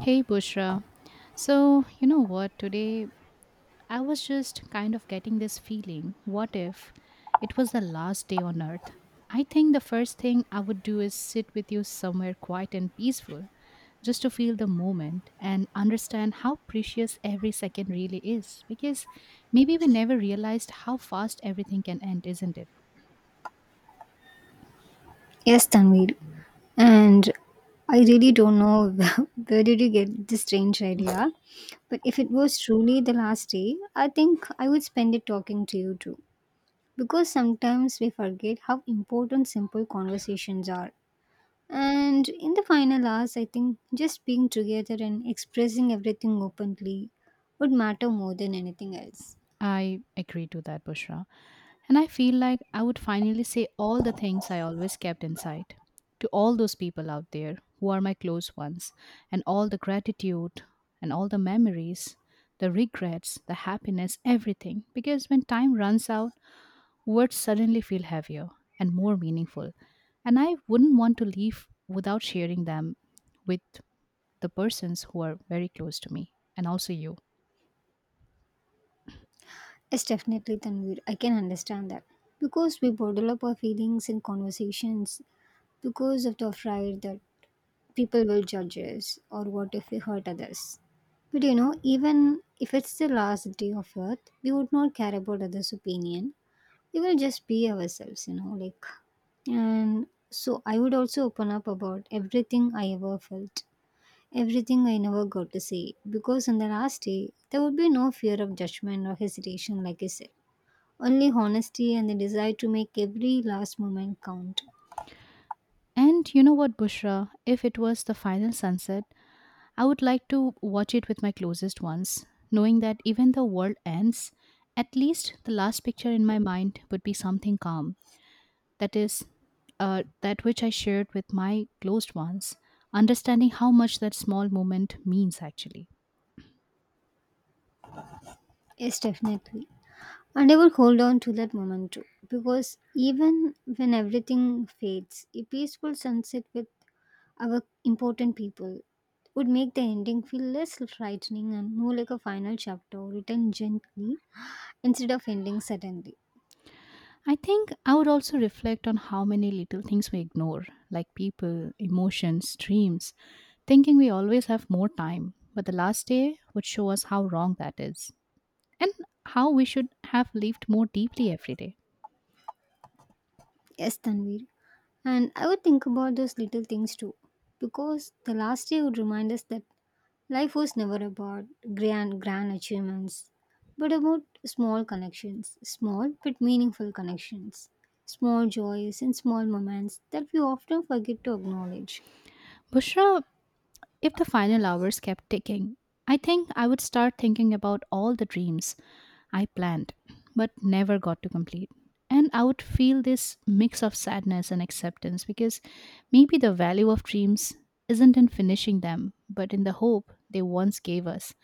Hey Bushra. So, you know what? Today I was just kind of getting this feeling what if it was the last day on earth? I think the first thing I would do is sit with you somewhere quiet and peaceful just to feel the moment and understand how precious every second really is. Because maybe we never realized how fast everything can end, isn't it? Yes, Tanvir. And I really don't know where did you get this strange idea, but if it was truly the last day, I think I would spend it talking to you too. Because sometimes we forget how important simple conversations are. And in the final hours, I think just being together and expressing everything openly would matter more than anything else. I agree to that, Bushra. And I feel like I would finally say all the things I always kept inside to all those people out there who are my close ones, and all the gratitude and all the memories, the regrets, the happiness, everything. Because when time runs out, words suddenly feel heavier and more meaningful. And I wouldn't want to leave without sharing them with the persons who are very close to me and also you. Yes, definitely, Tanvir. I can understand that. Because we bottle up our feelings in conversations because of the afraid that people will judge us or what if we hurt others. But even if it's the last day of earth, we would not care about others' opinion. We will just be ourselves, like and so I would also open up about everything I ever felt, everything I never got to say, because on the last day there would be no fear of judgment or hesitation, like I said. Only honesty and the desire to make every last moment count. And you know what, Bushra? If it was the final sunset, I would like to watch it with my closest ones, knowing that even the world ends, at least the last picture in my mind would be something calm. That is, that which I shared with my closed ones, understanding how much that small moment means actually. Yes, definitely. And I will hold on to that moment too, because even when everything fades, a peaceful sunset with our important people would make the ending feel less frightening and more like a final chapter written gently instead of ending suddenly. I think I would also reflect on how many little things we ignore, like people, emotions, dreams, thinking we always have more time. But the last day would show us how wrong that is, and how we should have lived more deeply every day. Yes, Tanvir. And I would think about those little things too, because the last day would remind us that life was never about grand achievements, but about small connections, small but meaningful connections, small joys and small moments that we often forget to acknowledge. Bushra, if the final hours kept ticking, I think I would start thinking about all the dreams I planned but never got to complete. And I would feel this mix of sadness and acceptance because maybe the value of dreams isn't in finishing them, but in the hope they once gave us.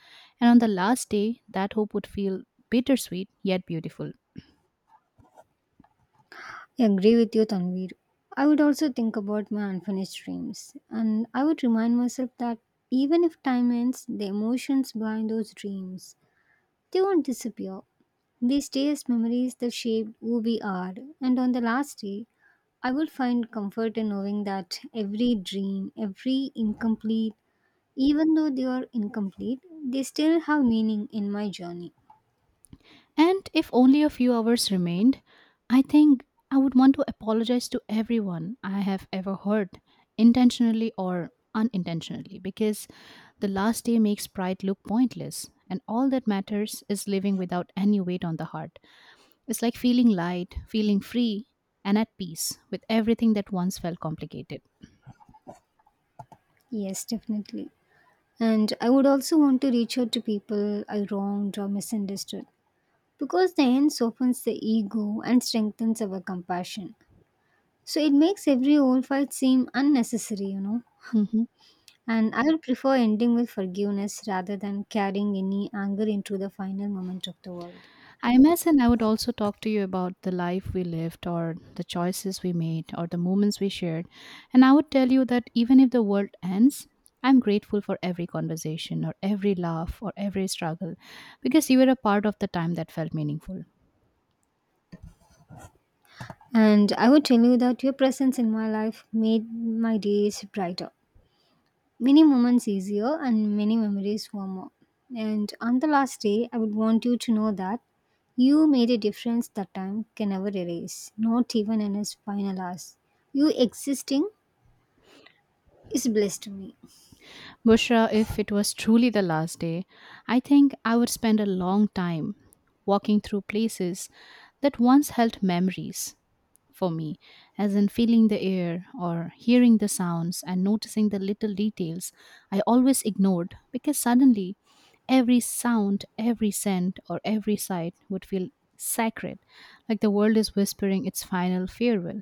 And on the last day, that hope would feel bittersweet yet beautiful. I agree with you, Tanvir. I would also think about my unfinished dreams, and I would remind myself that even if time ends, the emotions behind those dreams they won't disappear. We stay as memories that shaped who we are, and on the last day, I would find comfort in knowing that every dream, every incomplete, even though they are incomplete, they still have meaning in my journey. And if only a few hours remained, I think I would want to apologize to everyone I have ever hurt, intentionally or unintentionally, because the last day makes pride look pointless. And all that matters is living without any weight on the heart. It's like feeling light, feeling free, and at peace with everything that once felt complicated. Yes, definitely. And I would also want to reach out to people I wronged or misunderstood because the end softens the ego and strengthens our compassion. So it makes every old fight seem unnecessary, you know. Mhm. And I would prefer ending with forgiveness rather than carrying any anger into the final moment of the world. I imagine I would also talk to you about the life we lived, or the choices we made, or the moments we shared. And I would tell you that even if the world ends, I'm grateful for every conversation, or every laugh, or every struggle, because you were a part of the time that felt meaningful. And I would tell you that your presence in my life made my days brighter, many moments easier, and many memories warmer. And on the last day, I would want you to know that you made a difference that time can never erase, not even in its final hours. You existing is bliss to me. Bushra, if it was truly the last day, I think I would spend a long time walking through places that once held memories for me, as in feeling the air or hearing the sounds and noticing the little details I always ignored because suddenly every sound, every scent, or every sight would feel sacred, like the world is whispering its final farewell.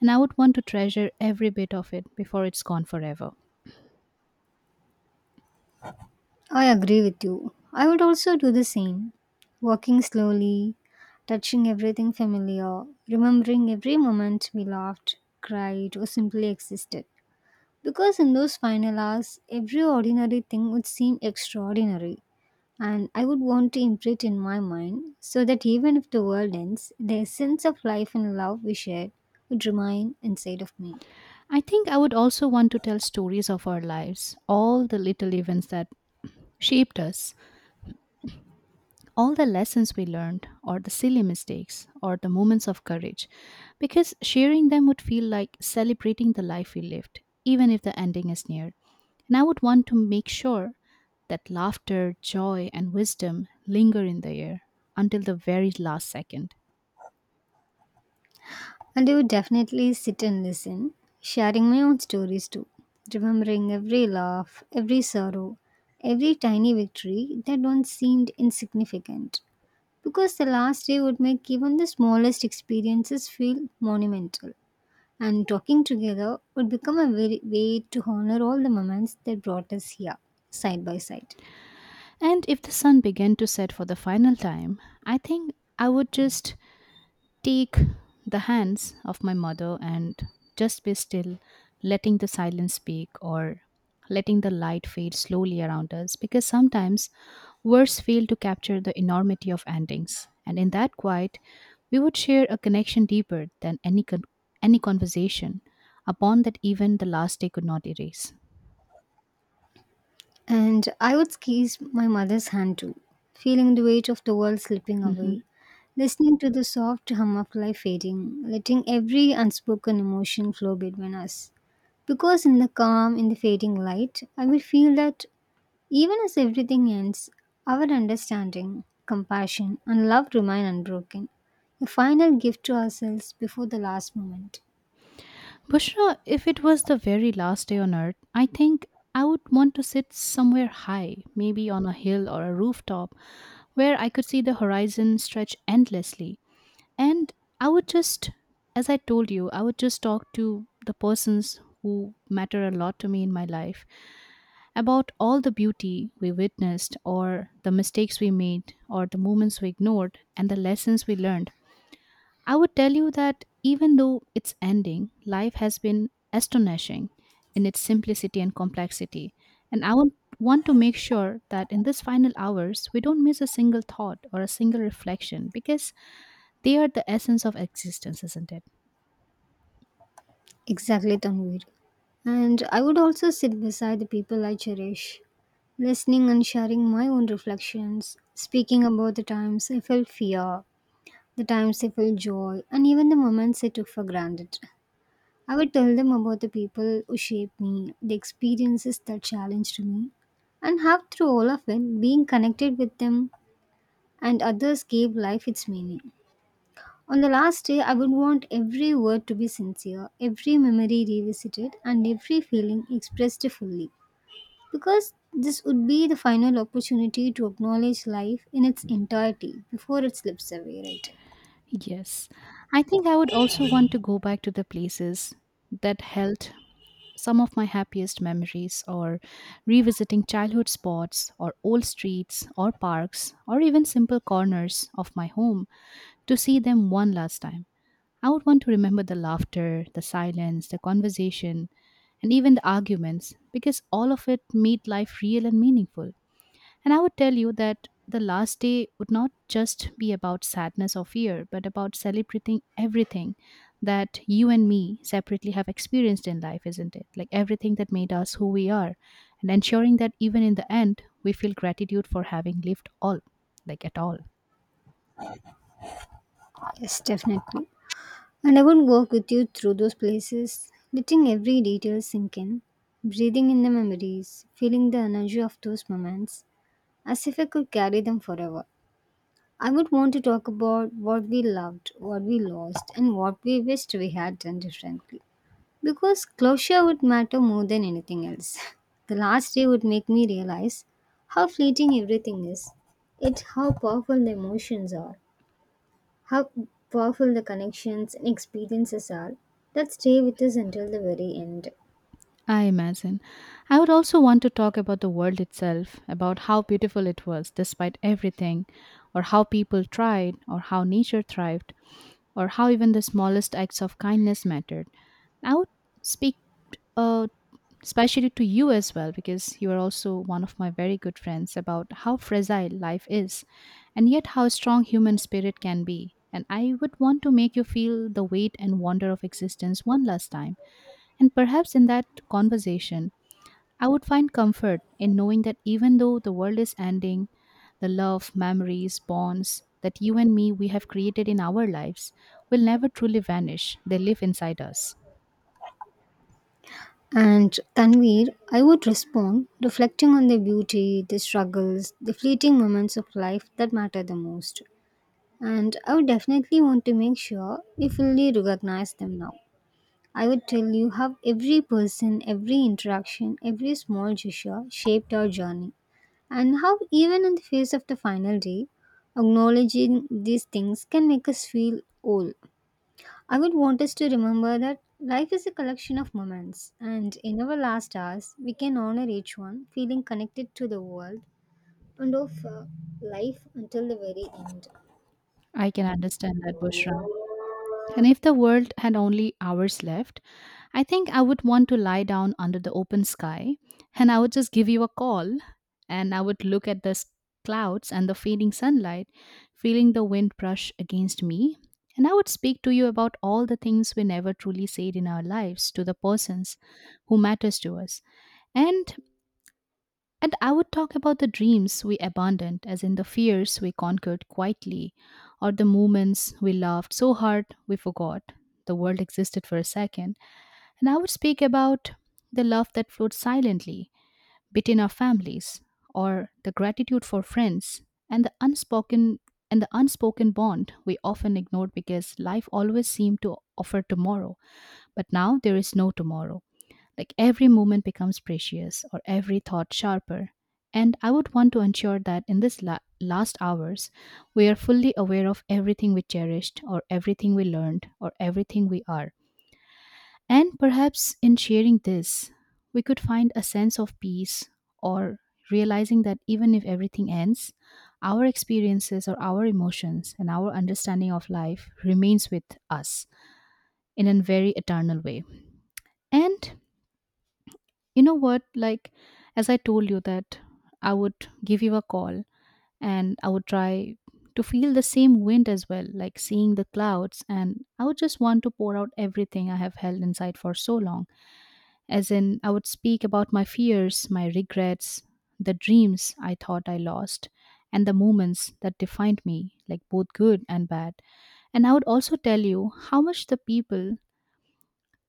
And I would want to treasure every bit of it before it's gone forever. I agree with you. I would also do the same. Walking slowly, touching everything familiar, remembering every moment we laughed, cried, or simply existed. Because in those final hours, every ordinary thing would seem extraordinary, and I would want to imprint in my mind so that even if the world ends, the essence of life and love we shared would remain inside of me. I think I would also want to tell stories of our lives, all the little events that shaped us, all the lessons we learned, or the silly mistakes, or the moments of courage, because sharing them would feel like celebrating the life we lived, even if the ending is near. And I would want to make sure that laughter, joy, and wisdom linger in the air until the very last second. And I would definitely sit and listen, sharing my own stories too, remembering every laugh, every sorrow, every tiny victory that once seemed insignificant. Because the last day would make even the smallest experiences feel monumental. And talking together would become a very way to honor all the moments that brought us here, side by side. And if the sun began to set for the final time, I think I would just take the hands of my mother and just be still, letting the silence speak or letting the light fade slowly around us because sometimes words fail to capture the enormity of endings. And in that quiet, we would share a connection deeper than any conversation, upon that even the last day could not erase. And I would squeeze my mother's hand too, feeling the weight of the world slipping Mm-hmm. away, listening to the soft hum of life fading, letting every unspoken emotion flow between us. Because in the calm, in the fading light, I will feel that even as everything ends, our understanding, compassion, and love remain unbroken. A final gift to ourselves before the last moment. Bushra, if it was the very last day on earth, I think I would want to sit somewhere high, maybe on a hill or a rooftop, where I could see the horizon stretch endlessly. And I would just, as I told you, I would just talk to the persons who matter a lot to me in my life about all the beauty we witnessed, or the mistakes we made, or the moments we ignored, and the lessons we learned. I would tell you that even though it's ending, life has been astonishing in its simplicity and complexity. And I would want to make sure that in these final hours, we don't miss a single thought or a single reflection because they are the essence of existence, isn't it? Exactly, Tanvir. And I would also sit beside the people I cherish, listening and sharing my own reflections, speaking about the times I felt fear, the times I felt joy, and even the moments I took for granted. I would tell them about the people who shaped me, the experiences that challenged me, and how through all of it, being connected with them and others gave life its meaning. On the last day, I would want every word to be sincere, every memory revisited, and every feeling expressed fully. Because this would be the final opportunity to acknowledge life in its entirety before it slips away, right? Yes. I think I would also want to go back to the places that held some of my happiest memories or revisiting childhood spots or old streets or parks or even simple corners of my home to see them one last time. I would want to remember the laughter, the silence, the conversation, and even the arguments because all of it made life real and meaningful. And I would tell you that the last day would not just be about sadness or fear, but about celebrating everything that you and me separately have experienced in life, isn't it? Like everything that made us who we are, and ensuring that even in the end, we feel gratitude for having lived all, like at all. Yes, definitely. And I would walk with you through those places, letting every detail sink in, breathing in the memories, feeling the energy of those moments, as if I could carry them forever. I would want to talk about what we loved, what we lost, and what we wished we had done differently. Because closure would matter more than anything else. The last day would make me realize how fleeting everything is, it how powerful the emotions are, how powerful the connections and experiences are that stay with us until the very end. I imagine. I would also want to talk about the world itself, about how beautiful it was despite everything, or how people tried, or how nature thrived, or how even the smallest acts of kindness mattered. I would speak uh, especially to you as well, because you are also one of my very good friends, about how fragile life is, and yet how strong human spirit can be. And I would want to make you feel the weight and wonder of existence one last time. And perhaps in that conversation, I would find comfort in knowing that even though the world is ending, the love, memories, bonds that you and me we have created in our lives will never truly vanish. They live inside us. And Tanvir, I would respond, reflecting on the beauty, the struggles, the fleeting moments of life that matter the most. And I would definitely want to make sure we fully recognize them now. I would tell you how every person, every interaction, every small gesture shaped our journey, and how even in the face of the final day, acknowledging these things can make us feel old. I would want us to remember that life is a collection of moments, and in our last hours, we can honor each one, feeling connected to the world and of life until the very end. I can understand that, Bushra. And if the world had only hours left, I think I would want to lie down under the open sky and I would just give you a call and I would look at the clouds and the fading sunlight, feeling the wind brush against me. And I would speak to you about all the things we never truly said in our lives to the persons who matters to us. And I would talk about the dreams we abandoned, as in the fears we conquered quietly, or the moments we laughed so hard we forgot the world existed for a second. And I would speak about the love that flowed silently between our families, or the gratitude for friends, and the unspoken bond we often ignored because life always seemed to offer tomorrow. But now there is no tomorrow. Like every moment becomes precious or every thought sharper. And I would want to ensure that in this last hours, we are fully aware of everything we cherished or everything we learned or everything we are. And perhaps in sharing this, we could find a sense of peace or realizing that even if everything ends, our experiences or our emotions and our understanding of life remains with us in a very eternal way. And you know what? Like, as I told you, that I would give you a call and I would try to feel the same wind as well, like seeing the clouds. And I would just want to pour out everything I have held inside for so long. As in, I would speak about my fears, my regrets, the dreams I thought I lost, and the moments that defined me, like both good and bad. And I would also tell you how much the people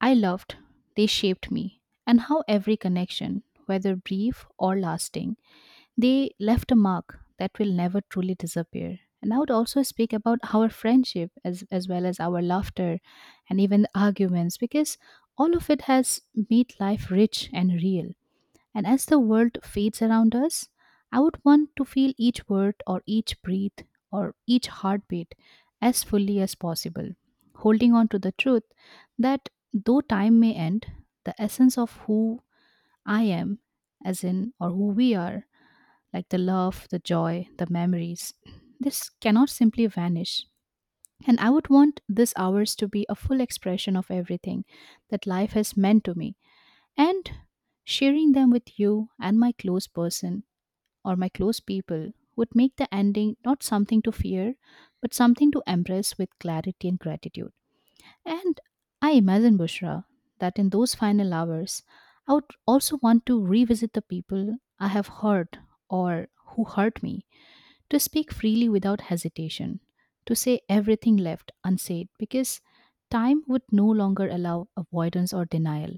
I loved they shaped me and how every connection, whether brief or lasting, they left a mark that will never truly disappear. And I would also speak about our friendship as well as our laughter and even the arguments because all of it has made life rich and real. And as the world fades around us, I would want to feel each word or each breath or each heartbeat as fully as possible, holding on to the truth that though time may end, the essence of who I am, as in, or who we are, like the love, the joy, the memories, this cannot simply vanish. And I would want these hours to be a full expression of everything that life has meant to me and sharing them with you and my close person or my close people would make the ending not something to fear, but something to embrace with clarity and gratitude. And I imagine, Bushra, that in those final hours, I would also want to revisit the people I have hurt or who hurt me, to speak freely without hesitation, to say everything left unsaid, because time would no longer allow avoidance or denial.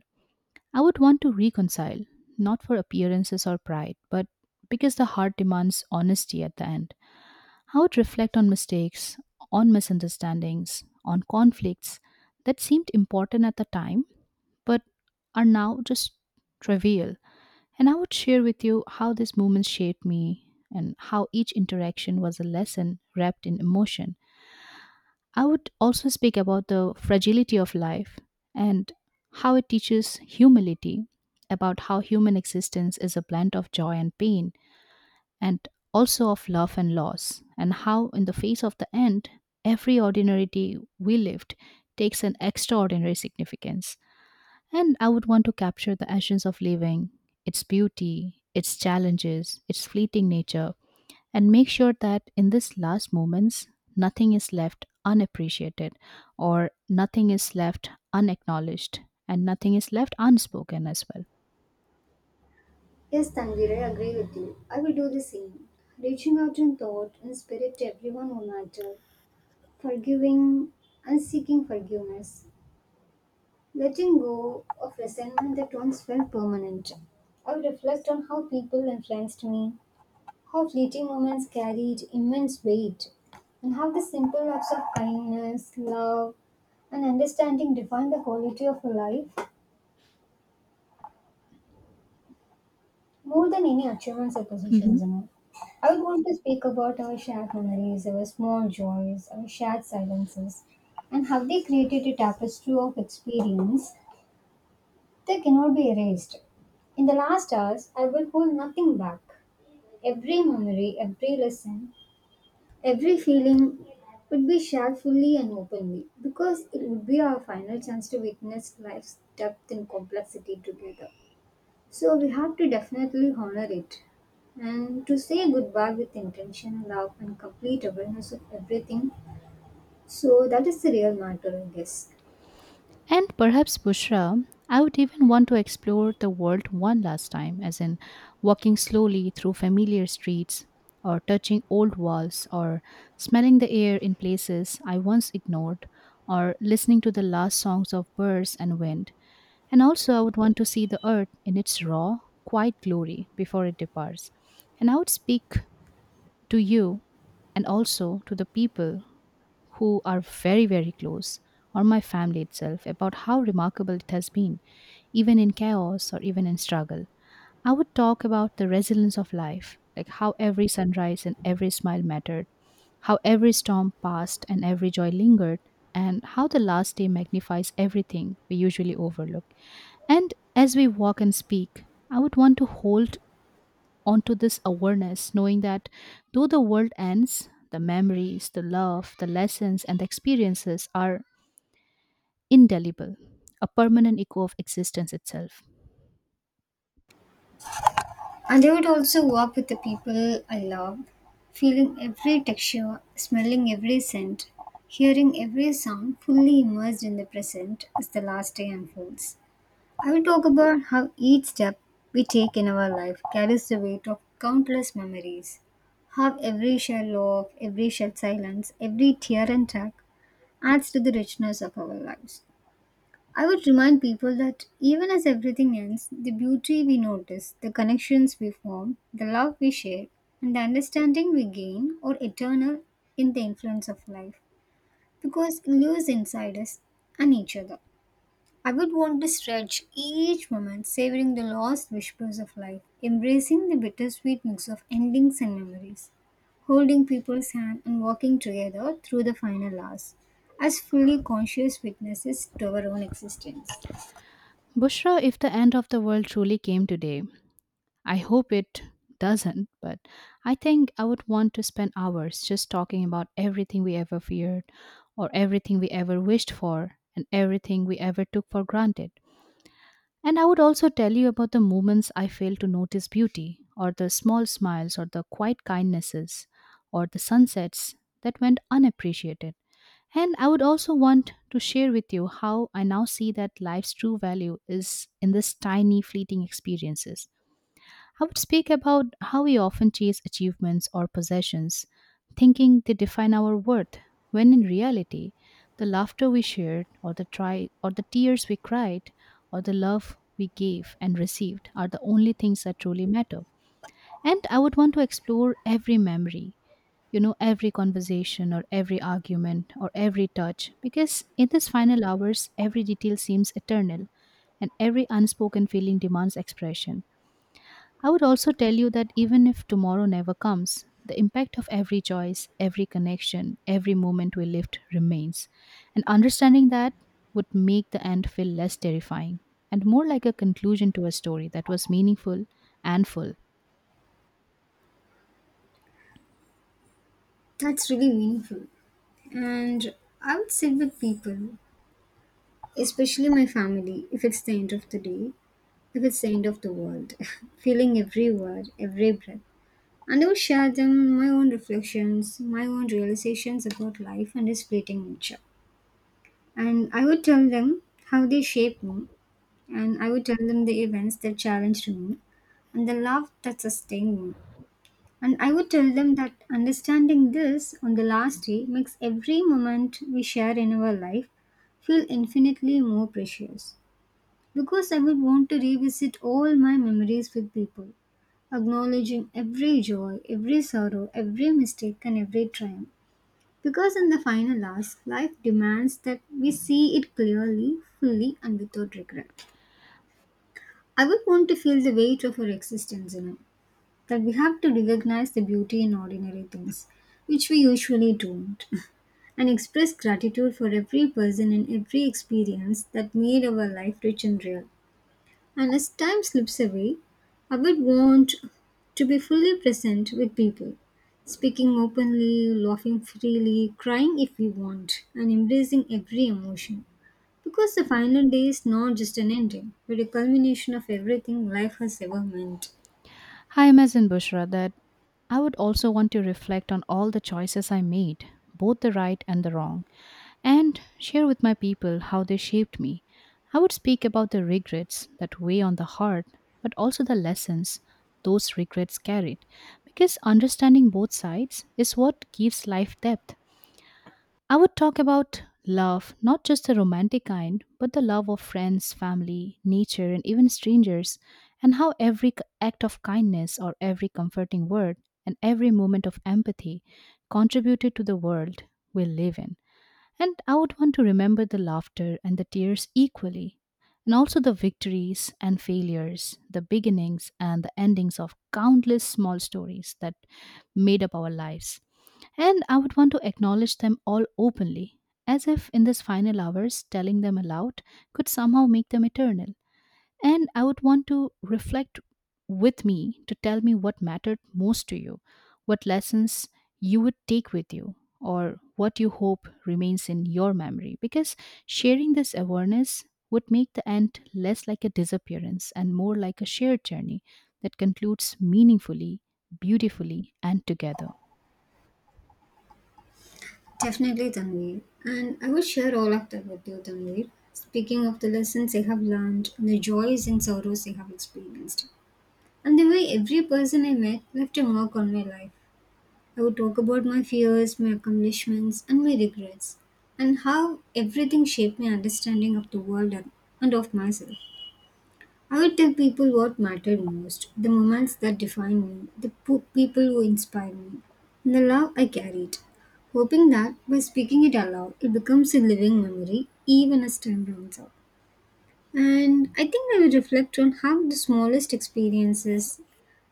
I would want to reconcile, not for appearances or pride, but because the heart demands honesty at the end. I would reflect on mistakes, on misunderstandings, on conflicts that seemed important at the time, but are now just trivial. And I would share with you how these moments shaped me and how each interaction was a lesson wrapped in emotion. I would also speak about the fragility of life and how it teaches humility, about how human existence is a blend of joy and pain, and also of love and loss, and how, in the face of the end, every ordinary day we lived takes an extraordinary significance. And I would want to capture the essence of living, its beauty, its challenges, its fleeting nature, and make sure that in this last moments nothing is left unappreciated or nothing is left unacknowledged and nothing is left unspoken as well. Yes, Tanvir, I agree with you. I will do the same. Reaching out in thought and spirit to everyone who mattered, forgiving and seeking forgiveness. Letting go of resentment that once felt permanent. I reflect on how people influenced me, how fleeting moments carried immense weight, and how the simple acts of kindness, love, and understanding define the quality of a life more than any achievements or positions in it. I would want to speak about our shared memories, our small joys, our shared silences, and how they created a tapestry of experience they cannot be erased. In the last hours, I will hold nothing back. Every memory, every lesson, every feeling would be shared fully and openly because it would be our final chance to witness life's depth and complexity together. So we have to definitely honor it and to say goodbye with intention, love, and complete awareness of everything. So that is the real matter, I guess. And perhaps, Bushra, I would even want to explore the world one last time, as in walking slowly through familiar streets, or touching old walls, or smelling the air in places I once ignored, or listening to the last songs of birds and wind. And also, I would want to see the earth in its raw, quiet glory before it departs. And I would speak to you and also to the people who are very, very close, or my family itself, about how remarkable it has been, even in chaos or even in struggle. I would talk about the resilience of life, like how every sunrise and every smile mattered, how every storm passed and every joy lingered, and how the last day magnifies everything we usually overlook. And as we walk and speak, I would want to hold onto this awareness, knowing that though the world ends, the memories, the love, the lessons, and the experiences are indelible, a permanent echo of existence itself. And I would also walk with the people I loved, feeling every texture, smelling every scent, hearing every sound, fully immersed in the present as the last day unfolds. I will talk about how each step we take in our life carries the weight of countless memories, how every shared love, every shared silence, every tear and track adds to the richness of our lives. I would remind people that even as everything ends, the beauty we notice, the connections we form, the love we share, and the understanding we gain are eternal in the influence of life because it lives inside us and each other. I would want to stretch each moment, savoring the lost whispers of life, embracing the bittersweet mix of endings and memories, holding people's hand and walking together through the final hours, as fully conscious witnesses to our own existence. Bushra, if the end of the world truly came today, I hope it doesn't, but I think I would want to spend hours just talking about everything we ever feared, or everything we ever wished for, and everything we ever took for granted. And I would also tell you about the moments I fail to notice beauty, or the small smiles, or the quiet kindnesses, or the sunsets that went unappreciated. And I would also want to share with you how I now see that life's true value is in this tiny fleeting experiences. I would speak about how we often chase achievements or possessions, thinking they define our worth, when in reality, the laughter we shared, or the try, or the tears we cried, or the love we gave and received are the only things that truly matter. And I would want to explore every memory, every conversation or every argument or every touch, because in these final hours, every detail seems eternal and every unspoken feeling demands expression. I would also tell you that even if tomorrow never comes, the impact of every choice, every connection, every moment we lived remains. And understanding that would make the end feel less terrifying and more like a conclusion to a story that was meaningful and full. That's really meaningful. And I would sit with people, especially my family, if it's the end of the day, if it's the end of the world, feeling every word, every breath. And I would share them my own reflections, my own realizations about life and its fleeting nature. And I would tell them how they shaped me, and I would tell them the events that challenged me, and the love that sustained me. And I would tell them that understanding this on the last day makes every moment we share in our life feel infinitely more precious. Because I would want to revisit all my memories with people, acknowledging every joy, every sorrow, every mistake, and every triumph. Because in the final hours, life demands that we see it clearly, fully, and without regret. I would want to feel the weight of her existence, that we have to recognize the beauty in ordinary things, which we usually don't, and express gratitude for every person and every experience that made our life rich and real. And as time slips away, I would want to be fully present with people, speaking openly, laughing freely, crying if we want, and embracing every emotion. Because the final day is not just an ending, but a culmination of everything life has ever meant. I imagine, Bushra, that I would also want to reflect on all the choices I made, both the right and the wrong and share with my people how they shaped me. I would speak about the regrets that weigh on the heart, but also the lessons those regrets carried, because understanding both sides is what gives life depth. I would talk about love, not just the romantic kind, but the love of friends, family, nature, and even strangers, and how every act of kindness or every comforting word and every moment of empathy contributed to the world we live in. And I would want to remember the laughter and the tears equally, and also the victories and failures, the beginnings and the endings of countless small stories that made up our lives. And I would want to acknowledge them all openly, as if in this final hours, telling them aloud could somehow make them eternal. And I would want to reflect with me to tell me what mattered most to you, what lessons you would take with you, or what you hope remains in your memory. Because sharing this awareness would make the end less like a disappearance and more like a shared journey that concludes meaningfully, beautifully, and together. Definitely, Tanveer. And I will share all of that with you, Tanveer. Speaking of the lessons I have learned, the joys and sorrows I have experienced, and the way every person I met left a mark on my life. I would talk about my fears, my accomplishments, and my regrets, and how everything shaped my understanding of the world and of myself. I would tell people what mattered most, the moments that define me, the people who inspire me, and the love I carried, hoping that by speaking it aloud, it becomes a living memory even as time runs out. And I think I would reflect on how the smallest experiences,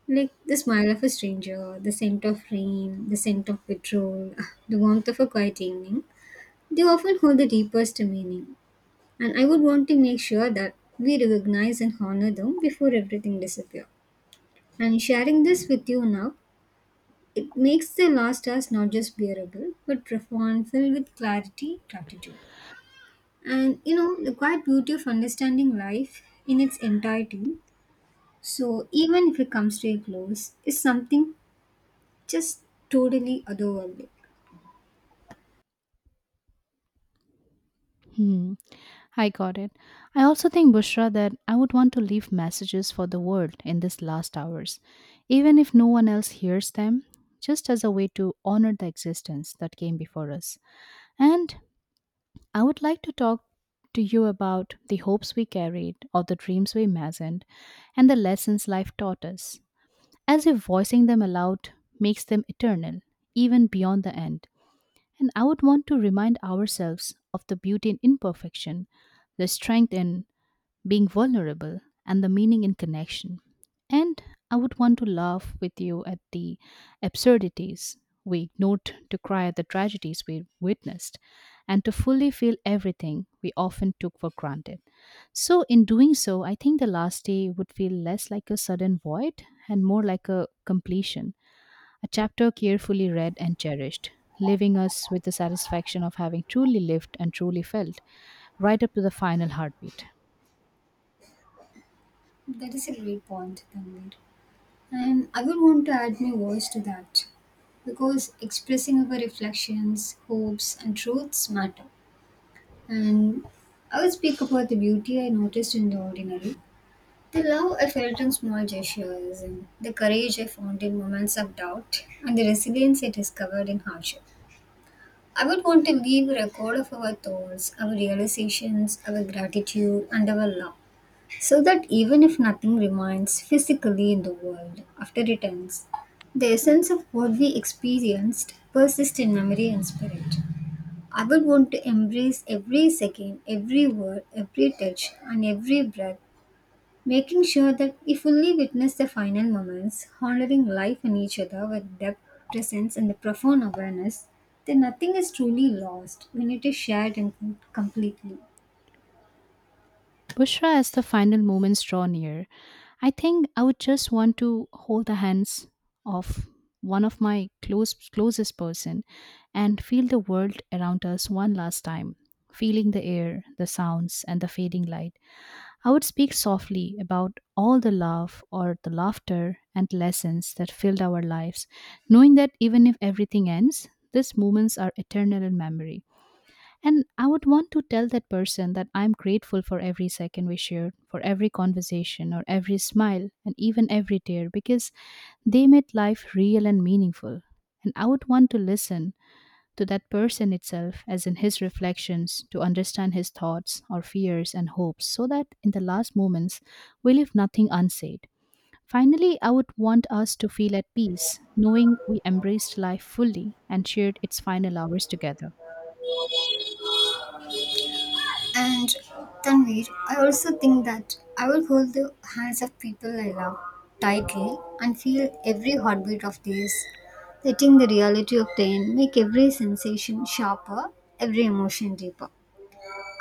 like the smile of a stranger, the scent of rain, the scent of petrol, the warmth of a quiet evening, they often hold the deepest meaning. And I would want to make sure that we recognize and honor them before everything disappears. And sharing this with you now, it makes the last hours not just bearable, but profound, filled with clarity, gratitude. And, you know, the quiet beauty of understanding life in its entirety. So even if it comes to a close, is something just totally otherworldly. Hmm, I got it. I also think, Bushra, that I would want to leave messages for the world in these last hours, even if no one else hears them, just as a way to honor the existence that came before us. And I would like to talk to you about the hopes we carried, or the dreams we imagined, and the lessons life taught us, as if voicing them aloud makes them eternal, even beyond the end. And I would want to remind ourselves of the beauty in imperfection, the strength in being vulnerable, and the meaning in connection. And I would want to laugh with you at the absurdities we ignored, to cry at the tragedies we witnessed, and to fully feel everything we often took for granted. So, in doing so, I think the last day would feel less like a sudden void and more like a completion, a chapter carefully read and cherished, leaving us with the satisfaction of having truly lived and truly felt right up to the final heartbeat. That is a great point, Tanvir. And I would want to add my voice to that because expressing our reflections, hopes, and truths matter. And I would speak about the beauty I noticed in the ordinary, the love I felt in small gestures, and the courage I found in moments of doubt, and the resilience I discovered in hardship. I would want to leave a record of our thoughts, our realizations, our gratitude, and our love. So that even if nothing remains physically in the world after it ends, the essence of what we experienced persists in memory and spirit. I would want to embrace every second, every word, every touch, and every breath, making sure that we fully witness the final moments, honoring life and each other with depth, presence, and the profound awareness that nothing is truly lost when it is shared and completely. Bushra, as the final moments draw near, I think I would just want to hold the hands of one of my close, closest person and feel the world around us one last time, feeling the air, the sounds, and the fading light. I would speak softly about all the love or the laughter and lessons that filled our lives, knowing that even if everything ends, these moments are eternal in memory. And I would want to tell that person that I'm grateful for every second we shared, for every conversation or every smile, and even every tear, because they made life real and meaningful. And I would want to listen to that person itself, as in his reflections, to understand his thoughts or fears and hopes, so that in the last moments we leave nothing unsaid. Finally, I would want us to feel at peace, knowing we embraced life fully and shared its final hours together. And Tanvir, I also think that I will hold the hands of people I love tightly and feel every heartbeat of theirs, letting the reality of the end make every sensation sharper, every emotion deeper.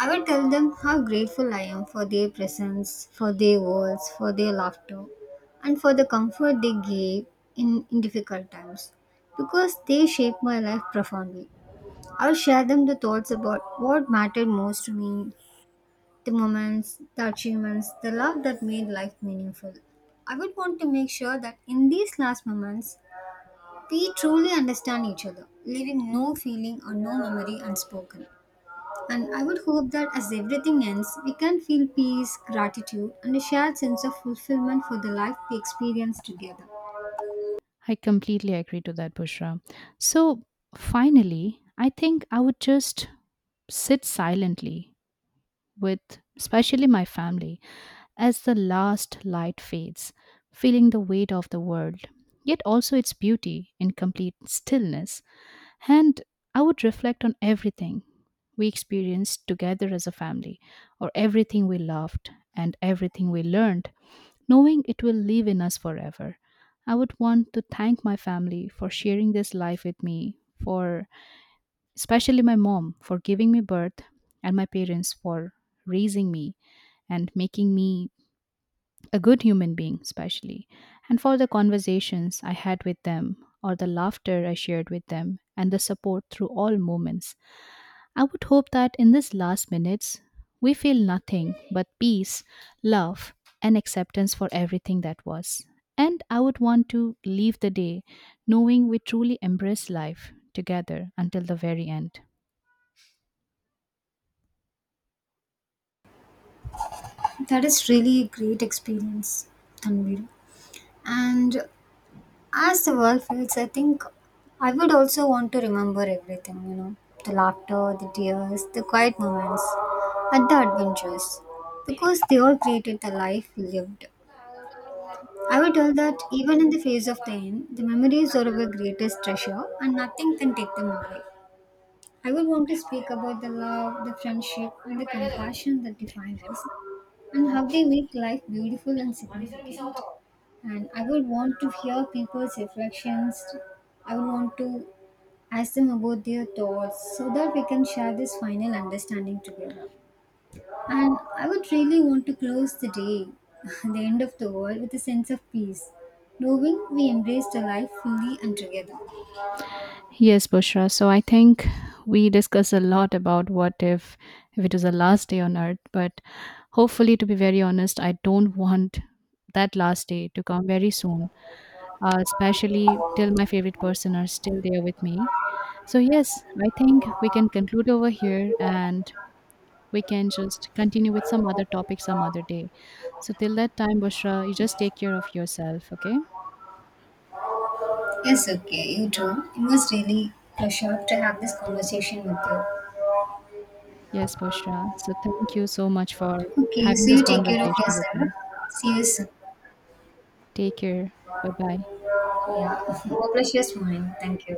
I will tell them how grateful I am for their presence, for their words, for their laughter, and for the comfort they gave in difficult times because they shaped my life profoundly. I'll share them the thoughts about what mattered most to me, the moments, the achievements, the love that made life meaningful. I would want to make sure that in these last moments, we truly understand each other, leaving no feeling or no memory unspoken. And I would hope that as everything ends, we can feel peace, gratitude, and a shared sense of fulfillment for the life we experienced together. I completely agree to that, Bushra. So finally, I think I would just sit silently with, especially my family, as the last light fades, feeling the weight of the world, yet also its beauty in complete stillness. And I would reflect on everything we experienced together as a family, or everything we loved and everything we learned, knowing it will live in us forever. I would want to thank my family for sharing this life with me, for especially my mom for giving me birth, and my parents for raising me and making me a good human being, especially, and for the conversations I had with them, or the laughter I shared with them, and the support through all moments. I would hope that in these last minutes, we feel nothing but peace, love, and acceptance for everything that was. And I would want to leave the day knowing we truly embrace life together until the very end. That is really a great experience, Tanvir. And as the world fades, I think I would also want to remember everything, you know, the laughter, the tears, the quiet moments, and the adventures, because they all created the life we lived. I would tell that even in the face of the end, the memories are our greatest treasure and nothing can take them away. I would want to speak about the love, the friendship, and the compassion that defined us and how they make life beautiful and significant. And I would want to hear people's reflections. I would want to ask them about their thoughts so that we can share this final understanding together. And I would really want to close the day, the end of the world, with a sense of peace, knowing we embraced the life fully and together. Yes, Bushra. So I think we discuss a lot about what if it was the last day on earth, but hopefully, to be very honest, I don't want that last day to come very soon, especially till my favorite person are still there with me. So yes, I think we can conclude over here and we can just continue with some other topic some other day. So till that time, Bushra, you just take care of yourself, okay? Yes, okay, you too. It was really pleasure to have this conversation with you. Yes, Bushra. So thank you so much for Okay, so having this you take care of conversation with yourself. me. See you soon. Take care. Bye bye. Yeah, the pleasure is mine. Thank you.